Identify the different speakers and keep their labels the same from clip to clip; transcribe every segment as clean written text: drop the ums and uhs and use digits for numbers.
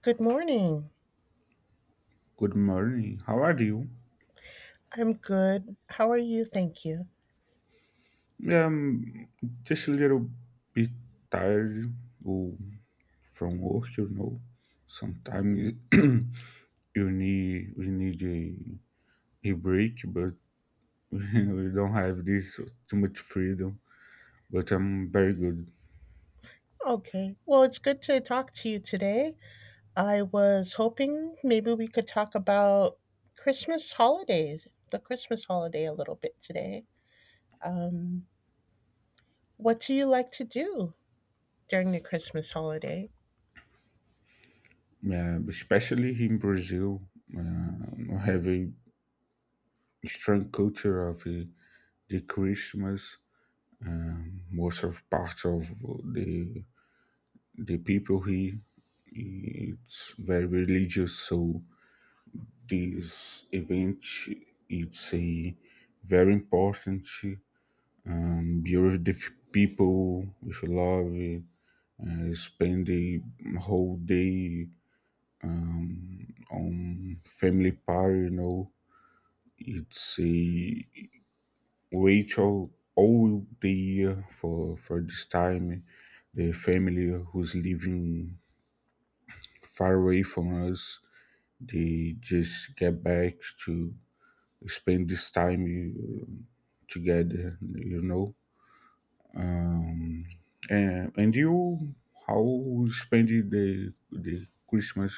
Speaker 1: Good morning.
Speaker 2: Good morning. How are you?
Speaker 1: I'm good. How are you? Thank you.
Speaker 2: Um, just a little bit tired, oh, from work, you know. Sometimes you need we need a break, but we don't have this too much freedom. But I'm very good,
Speaker 1: Okay. Well, it's good to talk to you today. I was hoping maybe we could talk about Christmas holidays, the Christmas holiday a little bit today. Um, what do you like to do during the Christmas holiday?
Speaker 2: yeah, especially here in Brazil. I have a strong culture of the Christmas. Most of part of the the people here, it's very religious, so this event, it's a very important, um, beautiful people with love, spend the whole day, on family party, you know. It's a ritual all the year for this time. The family who's living far away from us, they just get back to spend this time together, you know. Um, and you, how you spend the Christmas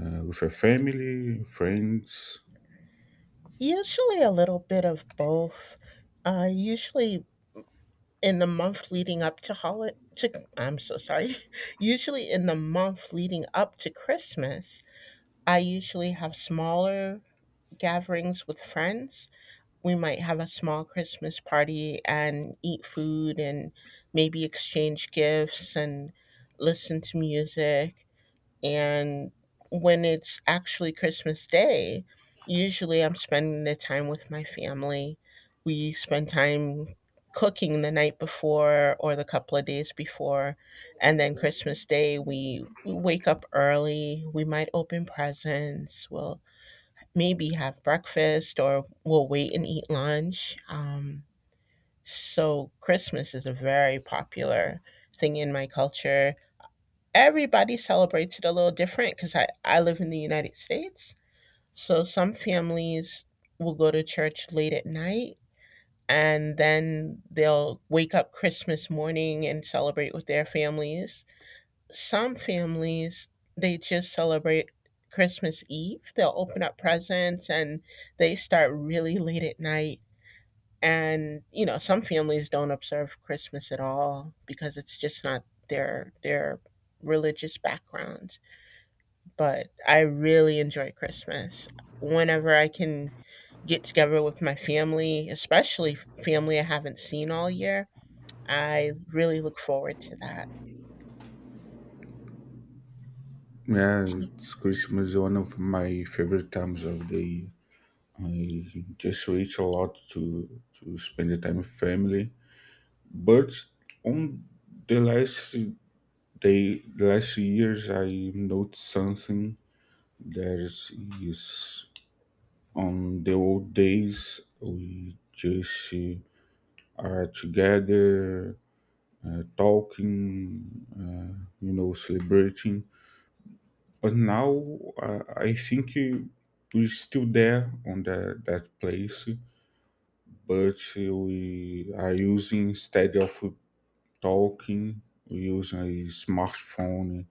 Speaker 2: with your family, friends?
Speaker 1: Usually a little bit of both. Usually in the month leading up to holiday, to, I'm so sorry. Usually in the month leading up to Christmas, I usually have smaller gatherings with friends. We might have a small Christmas party and eat food and maybe exchange gifts and listen to music. And when it's actually Christmas Day, usually I'm spending the time with my family. We spend time cooking the night before or the couple of days before. And then Christmas Day, we wake up early. We might open presents. We'll maybe have breakfast or we'll wait and eat lunch. So Christmas is a very popular thing in my culture. Everybody celebrates it a little different because I live in the United States. So some families will go to church late at night and then they'll wake up Christmas morning and celebrate with their families. Some families, they just celebrate Christmas Eve. They'll open up presents and they start really late at night. And, you know, some families don't observe Christmas at all because it's just not their religious background. But I really enjoy Christmas. Whenever I can get together with my family, especially family I haven't seen all year, I really look forward to that.
Speaker 2: Yeah, it's, Christmas is one of my favorite times of the year. I just reach a lot to spend the time with family. But on the last day, the last years, I noticed something. There is On the old days, we just are together, talking, you know, celebrating. But now, I think we're still there on that place, but we are using, instead of talking, we use a smartphone.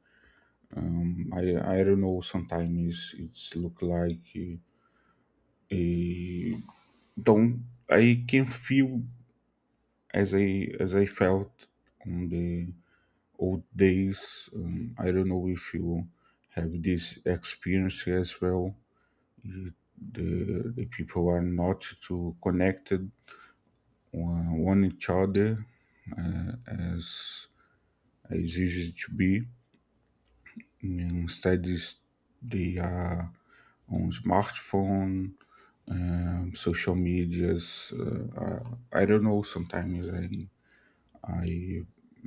Speaker 2: Um, I don't know. Sometimes it's look like. A Don't I can feel as I felt on the old days. I don't know if you have this experience as well. The people are not too connected one each other as as usual to be. Instead, is they are on smartphone, social medias. Uh, I don't know. Sometimes I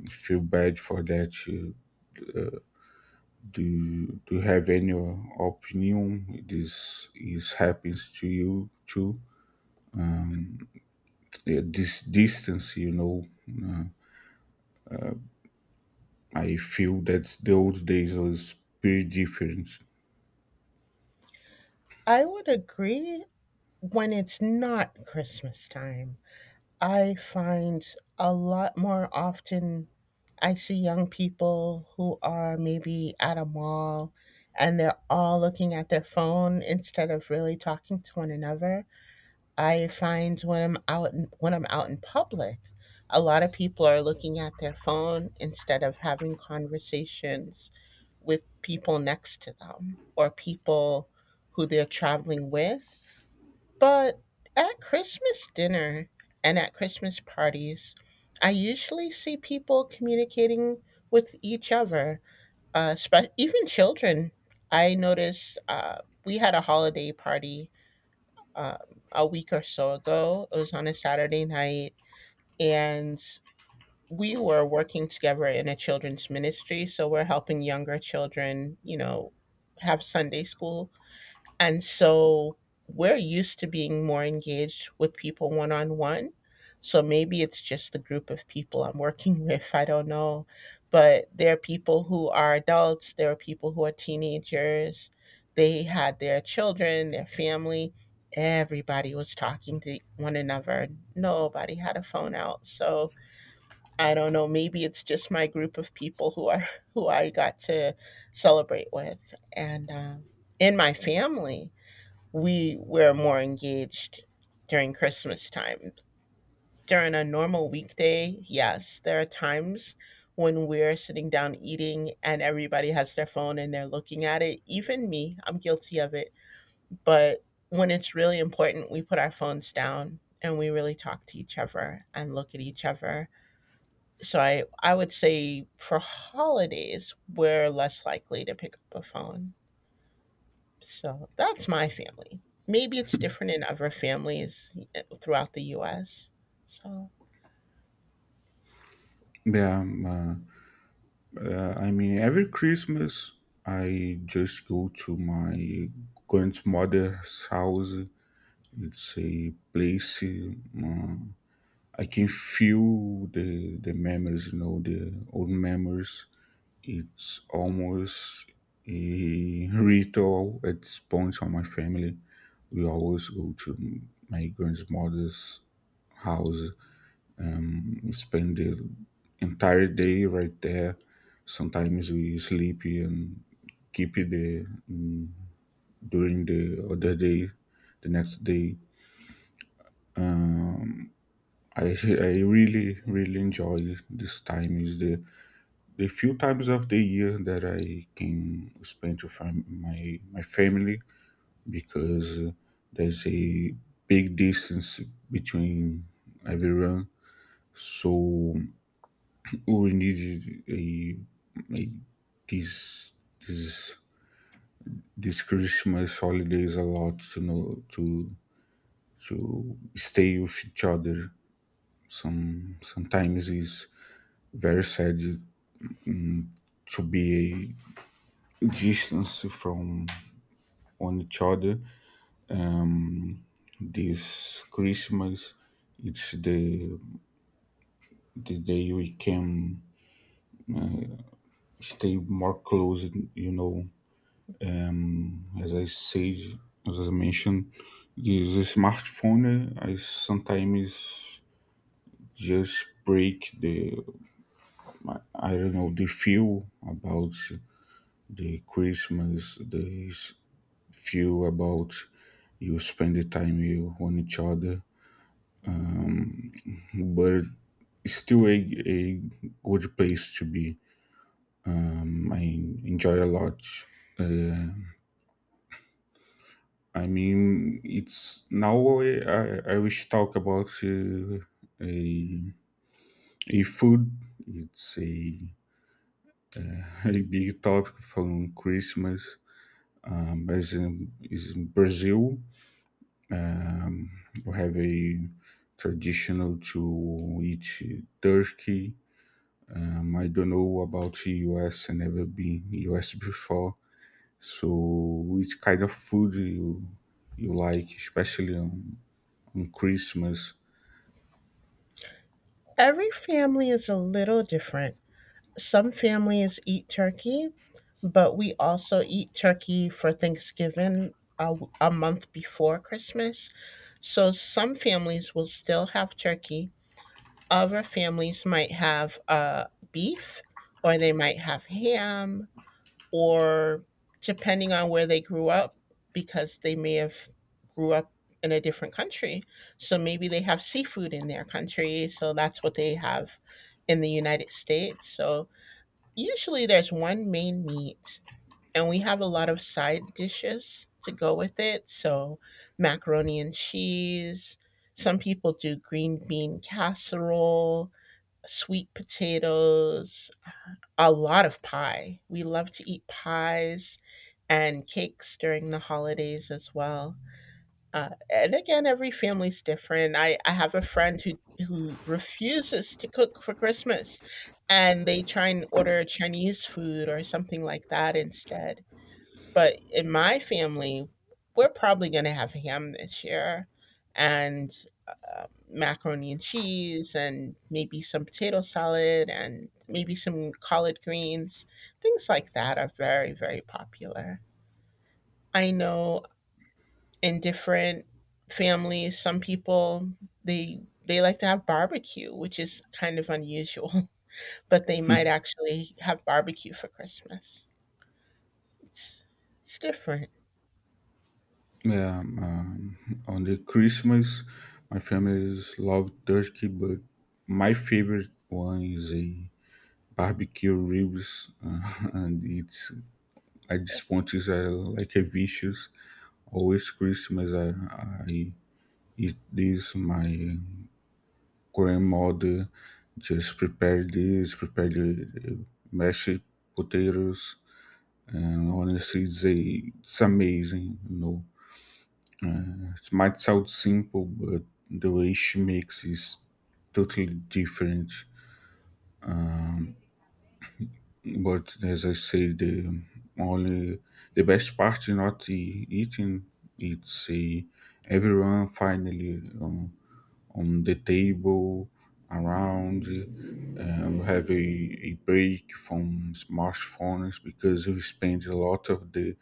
Speaker 2: feel bad for that. Do do you have any opinion? This is happens to you too. Yeah, this distance, you know, uh, I feel that the old days was pretty different.
Speaker 1: I would agree when it's not Christmas time. I find a lot more often I see young people who are maybe at a mall and they're all looking at their phone instead of really talking to one another. I find when when I'm out in public, a lot of people are looking at their phone instead of having conversations with people next to them or people who they're traveling with. But at Christmas dinner and at Christmas parties, I usually see people communicating with each other, even children. I noticed we had a holiday party um, a week or so ago. It was on a Saturday night, and we were working together in a children's ministry. So we're helping younger children, you know, have Sunday school. And so we're used to being more engaged with people one on one. So maybe it's just the group of people I'm working with. I don't know. But there are people who are adults, there are people who are teenagers. They had their children, their family. Everybody was talking to one another. Nobody had a phone out. So I don't know. Maybe it's just my group of people who are who I got to celebrate with, and in my family, we were more engaged during Christmas time. During a normal weekday, yes, there are times when we're sitting down eating and everybody has their phone and they're looking at it. Even me, I'm guilty of it. But when it's really important, we put our phones down and we really talk to each other and look at each other. So I would say for holidays, we're less likely to pick up a phone. So that's my family. Maybe it's different in other families throughout the US. So
Speaker 2: Yeah, I mean, every Christmas I just go to my grandmother's house. It's a place. I can feel the memories, you know, the old memories. It's almost a ritual at this point on my family. We always go to my grandmother's house and spend the entire day right there. Sometimes we sleep and keep it during the other day, the next day. Um, I I really really enjoy this time. Is the few times of the year that I can spend with my family, because there's a big distance between everyone, so we need a, a this this this Christmas holidays a lot to know to to stay with each other. Sometimes it's very sad to be a distance from one each other. This Christmas, it's the day we can stay more close. You know, as I said, as I mentioned, this smartphone, I sometimes just break the, I don't know the feel about the Christmas, feel about you spend the time you on each other, but it's still a good place to be. I enjoy a lot. Uh, I mean, it's now I wish to talk about a, a food. It's a, a big topic from Christmas. As in, is in Brazil, um, we have a traditional to eat turkey. I don't know about the US. I never been US before. So, which kind of food you like, especially on Christmas?
Speaker 1: every family is a little different. Some families eat turkey, but we also eat turkey for Thanksgiving a month before Christmas. So some families will still have turkey. Other families might have beef, or they might have ham, or depending on where they grew up, because they may have grew up in a different country, so maybe they have seafood in their country, so that's what they have. In the United States, so usually there's one main meat, and we have a lot of side dishes to go with it. So macaroni and cheese, some people do green bean casserole, sweet potatoes, a lot of pie. We love to eat pies and cakes during the holidays as well. And again, every family's different. I have a friend who refuses to cook for Christmas and they try and order Chinese food or something like that instead. But in my family, we're probably going to have ham this year and macaroni and cheese and maybe some potato salad and maybe some collard greens. Things like that are very, very popular. I know in different families, some people they they like to have barbecue, which is kind of unusual, but they might actually have barbecue for Christmas. It's it's different.
Speaker 2: Yeah, on the Christmas, my family love turkey, but my favorite one is a barbecue ribs, and it's at this point is like a vicious. Always Christmas, I eat this. My grandmother just prepared the mashed potatoes. And honestly, they, it's amazing. You know, it might sound simple, but the way she makes is totally different. But as I say, the only, the best part is not the eating. It's a, everyone finally, on the table around. We have a break from smartphones, because we spend a lot of the,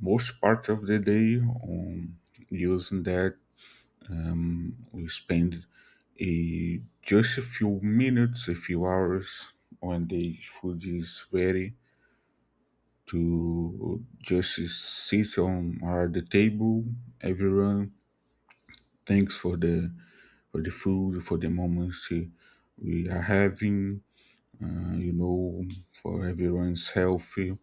Speaker 2: most part of the day on using that. We spend just a few minutes, a few hours, when the food is ready to just sit on our the table. Everyone thanks for the, for the food, for the moments we are having. You know, for everyone's healthy.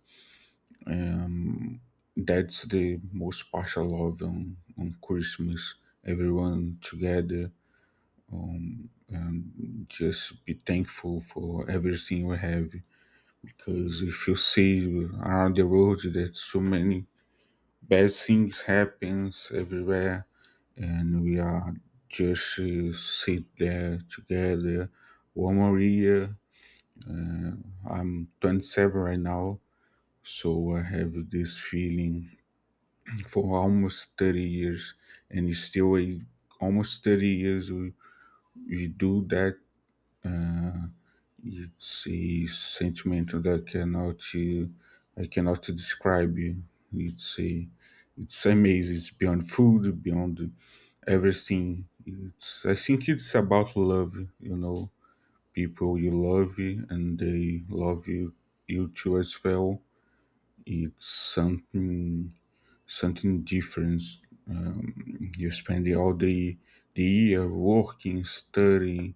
Speaker 2: Um, That's the most special of on Christmas. Everyone together, just be thankful for everything we have. Because if you see around the world, that so many bad things happens everywhere, and we are just sit there together. One more year. I'm 27 right now, so I have this feeling for almost 30 years, and he's still a, almost 30 years you do that. You see, sentiment that cannot you, I cannot describe you. It's a, it's amazing. It's beyond food, beyond everything. It's, I think it's about love, you know. People you love and they love you, you too as well. It's something, something different. You spend all the year working, studying.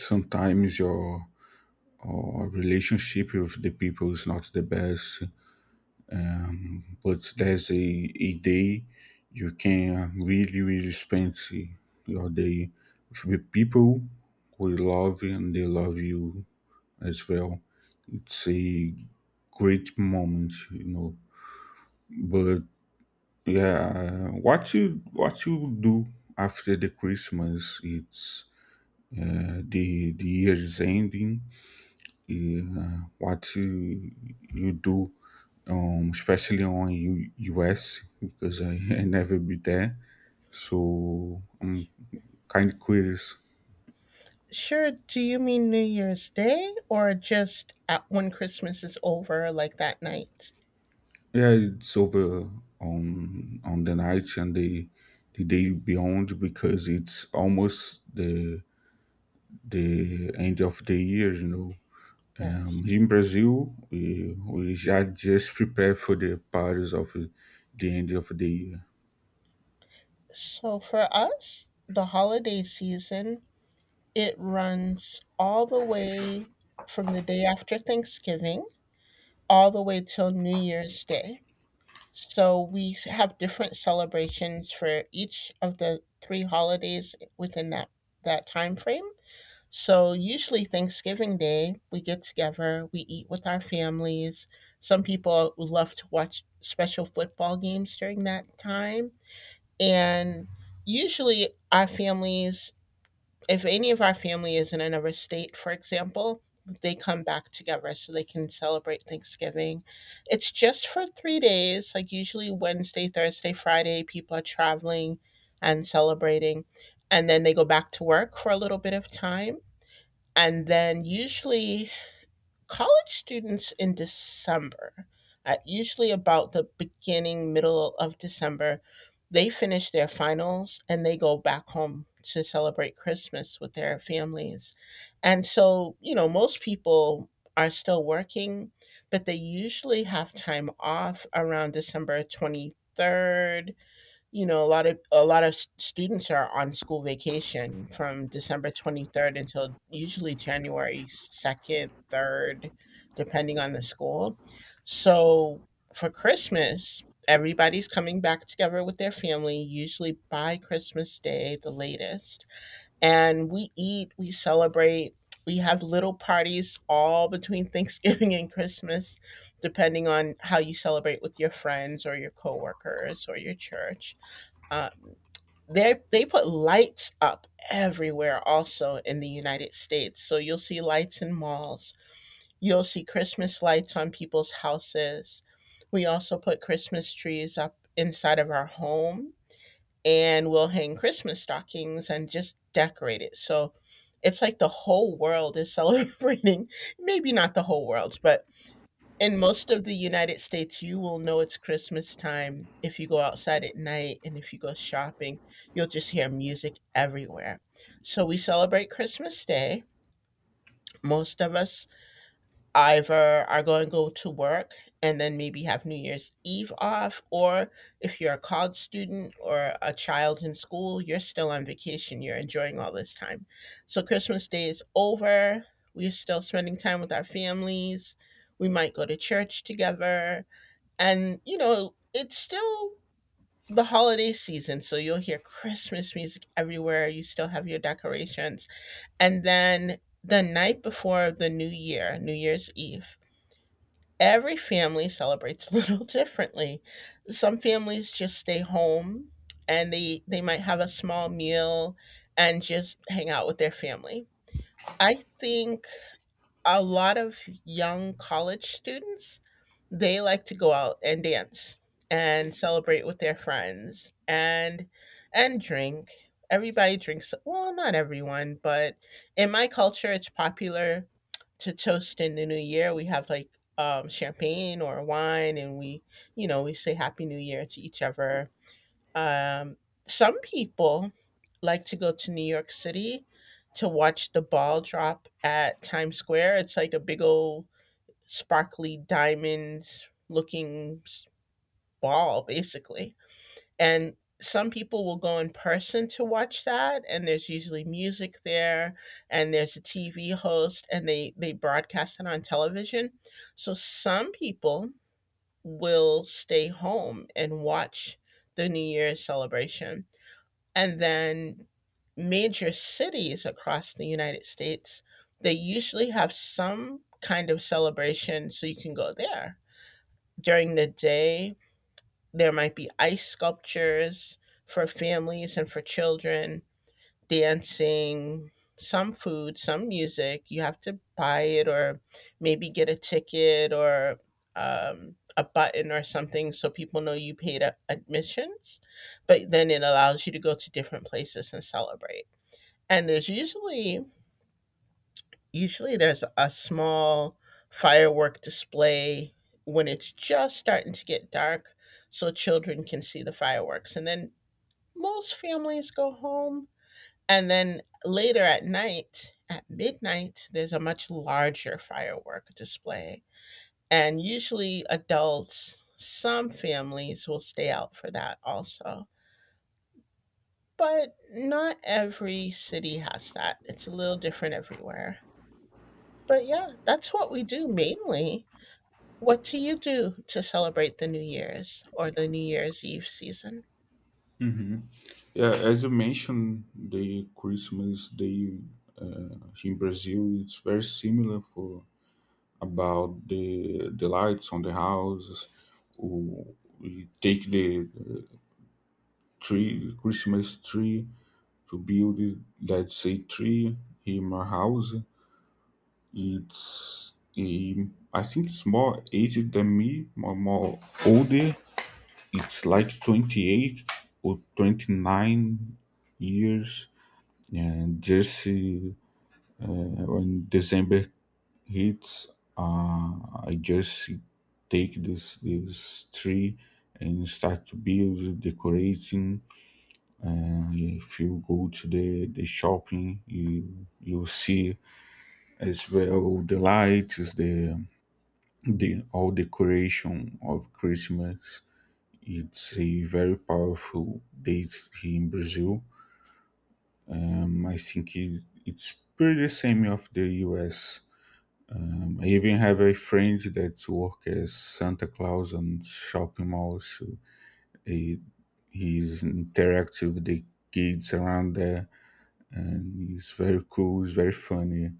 Speaker 2: Sometimes your or relationship with the people is not the best, but there's a day you can really, really spend your day with people who you love and they love you as well. It's a great moment, you know. But yeah, what you do after the Christmas? It's the year is ending. What you You do, especially on US, because I, I never be there, so I'm kind of curious.
Speaker 1: Sure, do you mean New Year's Day or just at when Christmas is over, like that night?
Speaker 2: Yeah, it's over on the night and the day beyond, because it's almost the end of the year, you know.
Speaker 1: Yes.
Speaker 2: In Brazil, we are just prepared for the parties of the end of the year.
Speaker 1: So for us, the holiday season, it runs all the way from the day after Thanksgiving all the way till New Year's Day. So have different celebrations for each of the three holidays within that time frame. So usually Thanksgiving Day, we get together, we eat with our families. Some people love to watch special football games during that time, and usually our families, if any of our family is in another state, for example, they come back together so they can celebrate Thanksgiving. It's just for 3 days, like usually Wednesday, Thursday, Friday, people are traveling and celebrating. And then they go back to work for a little bit of time. And then usually college students in December, usually about the beginning, middle of December, they finish their finals and they go back home to celebrate Christmas with their families. And so, you know, most people are still working, but they usually have time off around December 23rd. You know, a lot of students are on school vacation. Yeah. From december 23rd until usually january 2nd, 3rd, depending on the school. So for christmas, everybody's coming back together with their family, usually by christmas day the latest. And we eat, we celebrate. We have little parties all between thanksgiving and christmas, depending on how you celebrate with your friends or your coworkers or your church. Uh, they they put lights up everywhere also in the United States. So you'll see lights in malls. You'll see Christmas lights on people's houses. We also put Christmas trees up inside of our home and we'll hang Christmas stockings and just decorate it. So it's like the whole world is celebrating. Maybe not the whole world, but in most of the United States, you will know it's Christmas time. If you go outside at night and if you go shopping, you'll just hear music everywhere. So we celebrate Christmas Day. Most of us either are going to go to work and then maybe have New Year's Eve off, or if you're a college student or a child in school, you're still on vacation. You're enjoying all this time. So Christmas Day is over. We're still spending time with our families. We might go to church together and, you know, it's still the holiday season. So you'll hear Christmas music everywhere. You still have your decorations. And then the night before the new year, New Year's Eve, every family celebrates a little differently. Some families just stay home and they might have a small meal and just hang out with their family. I think a lot of young college students, they like to go out and dance and celebrate with their friends and drink. Everybody drinks, well, not everyone, but in my culture, it's popular to toast in the new year. We have like champagne or wine, and we you know we say happy new year to each other. um, some people like to go to New York City to watch the ball drop at Times Square. It's like a big old sparkly diamond looking ball, basically. And some people will go in person to watch that, and there's usually music there, and there's a TV host, and they broadcast it on television. So some people will stay home and watch the New Year's celebration, and then major cities across the United States, they usually have some kind of celebration, so you can go there. During the day, there might be ice sculptures for families, and for children dancing, some food, some music. You have to buy it or maybe get a ticket or a button or something so people know you paid admissions. But then it allows you to go to different places and celebrate. And there's usually usually there's a small firework display when it's just starting to get dark, so children can see the fireworks. And then most families go home, and then later at night, at midnight, there's a much larger firework display. And usually adults, some families will stay out for that also. But not every city has that. It's a little different everywhere. But yeah, that's what we do mainly. What do you do to celebrate the New Year's or the New Year's Eve season?
Speaker 2: Yeah, as you mentioned, the Christmas Day, uh, in Brazil, it's very similar for about the lights on the houses. We we take the tree, Christmas tree, to build, it, let's say, tree in my house. It's a, I think it's more aged than me, more, more older. It's like 28 or 29 years. And just when December hits, uh, I just take this tree and start to build decorating. If you go to the shopping, you see as well the lights, the whole decoration of Christmas. It's a very powerful date here in Brazil. I think it's pretty the same of the US. I even have a friend that works as Santa Claus on shopping malls. So he, he's interactive with the kids around there, and he's very cool, he's very funny.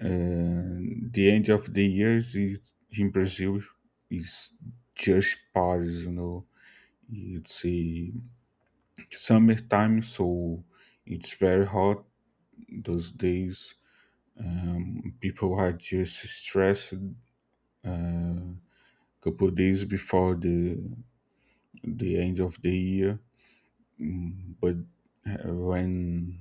Speaker 2: And the end of the year is, in Brazil, is just parties, you know. It's a summertime, so it's very hot those days. People are just stressed. Uh, Couple days before the end of the year, mm, but when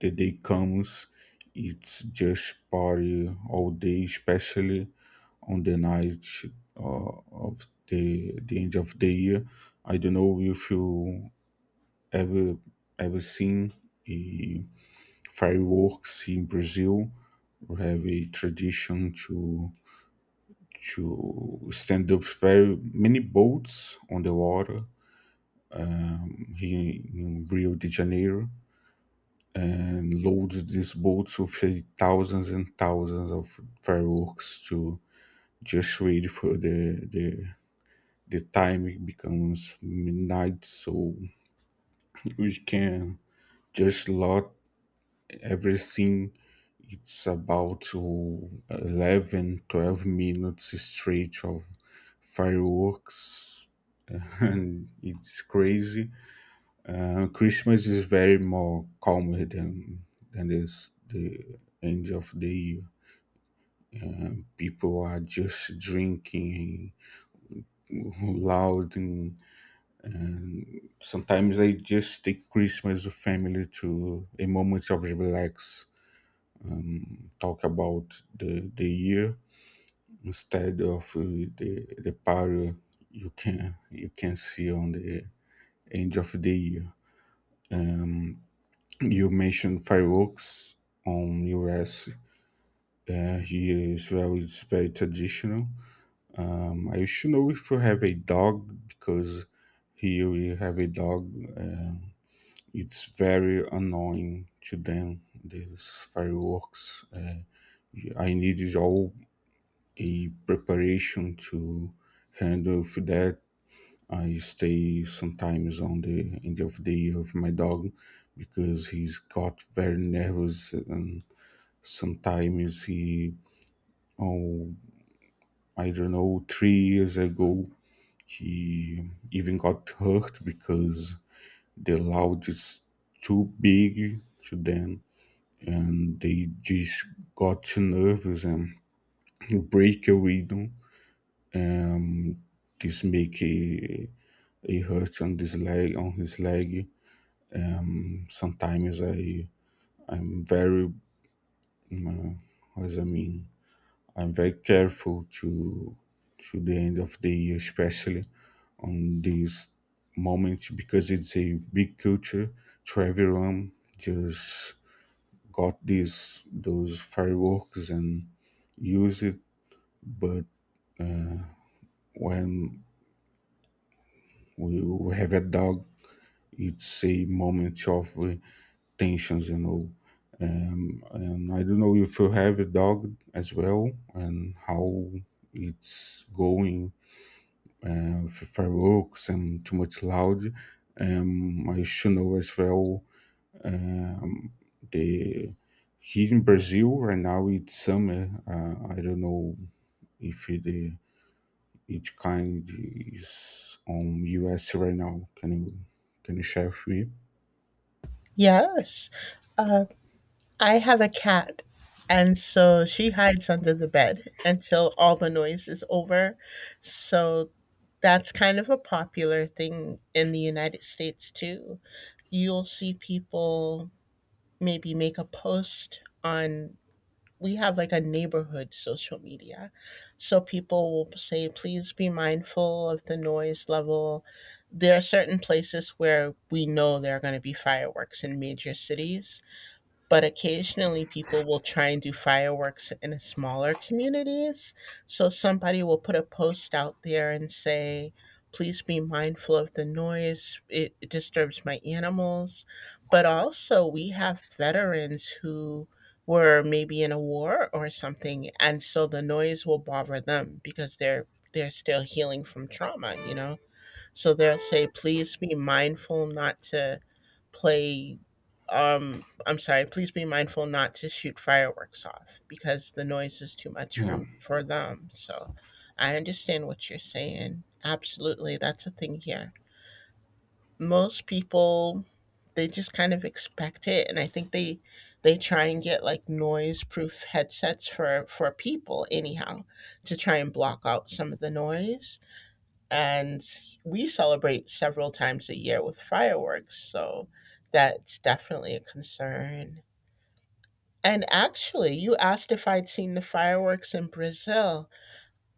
Speaker 2: the day comes, it's just party all day, especially on the night, uh, of the end of the year. I don't know if you ever ever seen a fireworks in Brazil. We have a tradition to to stand up very many boats on the water here in Rio de Janeiro, and load these boats with thousands and thousands of fireworks to just wait for the the time it becomes midnight, so we can just load everything. It's about to 11, 12 minutes straight of fireworks. And it's crazy. Christmas is very more calmer than this the end of the year. People are just drinking loud, and sometimes I just take Christmas with family to a moment of relax, talk about the the year instead of the the power you can see on the end of the year. Um, you mentioned fireworks on US. Here as well, it's very traditional. I should know if you have a dog, because here we have a dog. It's very annoying to them. These fireworks. I needed all a preparation to handle with that. I stay sometimes on the end of the year with my dog, because he's got very nervous, and sometimes he, oh, I don't know, 3 years ago he even got hurt, because the loud is too big to them, and they just got too nervous, and break a window. Um, this make a hurt on this leg on his leg. Um, sometimes I'm very, uh, as I mean, I'm very careful to the end of the year, especially on this moment, because it's a big culture, so everyone just got these those fireworks and use it. But when we we have a dog, it's a moment of tensions, you know. And I don't know if you have a dog as well, and how it's going with fireworks and too much loud. I should know as well. Um, the here in Brazil right now it's summer. I don't know if the each kind is on US right now. Can you share with me?
Speaker 1: Yes. Uh, I have a cat, and so she hides under the bed until all the noise is over. So that's kind of a popular thing in the United States too. You'll see people maybe make a post on, we have like a neighborhood social media. So people will say, please be mindful of the noise level. There are certain places where we know there are going to be fireworks in major cities, but occasionally people will try and do fireworks in smaller communities. So somebody will put a post out there and say, please be mindful of the noise, it disturbs my animals. But also, we have veterans who were maybe in a war or something, and so the noise will bother them because they're still healing from trauma, so they'll say, please be mindful not to play. I'm sorry. Please be mindful not to shoot fireworks off because the noise is too much for
Speaker 2: Yeah.
Speaker 1: for them. So, I understand what you're saying. Absolutely, that's a thing here. Most people, they just kind of expect it, and I think they try and get like noise proof headsets for people anyhow to try and block out some of the noise. And we celebrate several times a year with fireworks, so that's definitely a concern. And actually, you asked if I'd seen the fireworks in Brazil.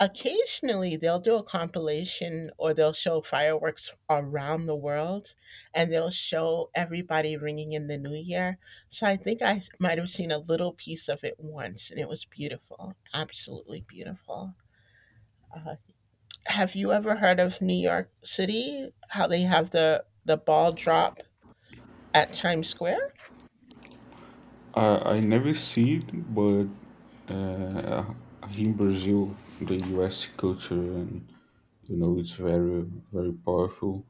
Speaker 1: Occasionally, they'll do a compilation or they'll show fireworks around the world, and they'll show everybody ringing in the new year. So I think I might have seen a little piece of it once, and it was beautiful, absolutely beautiful. Uh, have you ever heard of New York City? How they have the ball drop at Times Square?
Speaker 2: I never see it, but uh, here in Brazil, the US culture, and you know, it's very, very powerful.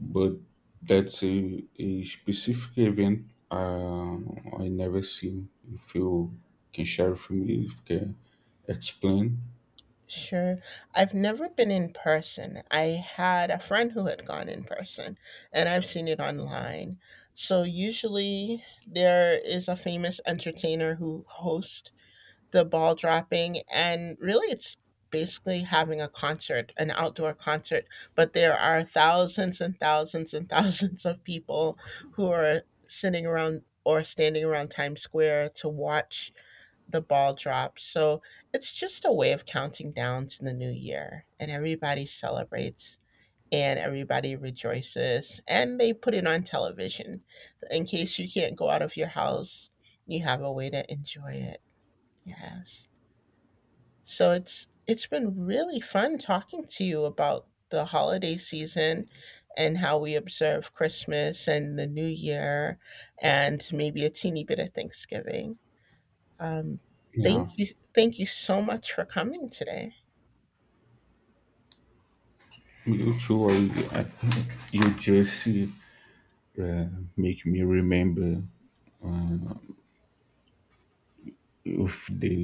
Speaker 2: But that's a specific event, I never seen. If you can share with me, if you can explain.
Speaker 1: Sure. I've never been in person. I had a friend who had gone in person, and I've seen it online. So usually there is a famous entertainer who hosts the ball dropping, and really it's basically having a concert, an outdoor concert, but there are thousands and thousands and thousands of people who are sitting around or standing around Times Square to watch the ball drop. So it's just a way of counting down to the new year. And everybody celebrates and everybody rejoices. And they put it on television. In case you can't go out of your house, you have a way to enjoy it. Yes. So it's been really fun talking to you about the holiday season and how we observe Christmas and the New Year and maybe a teeny bit of Thanksgiving. Um,
Speaker 2: Yeah,
Speaker 1: thank you, thank you so much for coming today.
Speaker 2: me too. I, you just make me remember of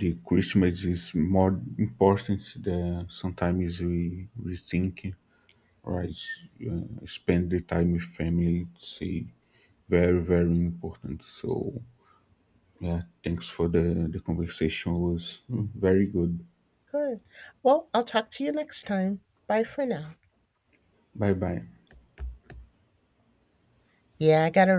Speaker 2: the Christmas is more important than sometimes we think, right? Spend the time with family. It's a very, very important. So yeah, thanks for the conversation. It was very good.
Speaker 1: Good. Well, I'll talk to you next time. Bye for now.
Speaker 2: Bye bye.
Speaker 1: Yeah, I gotta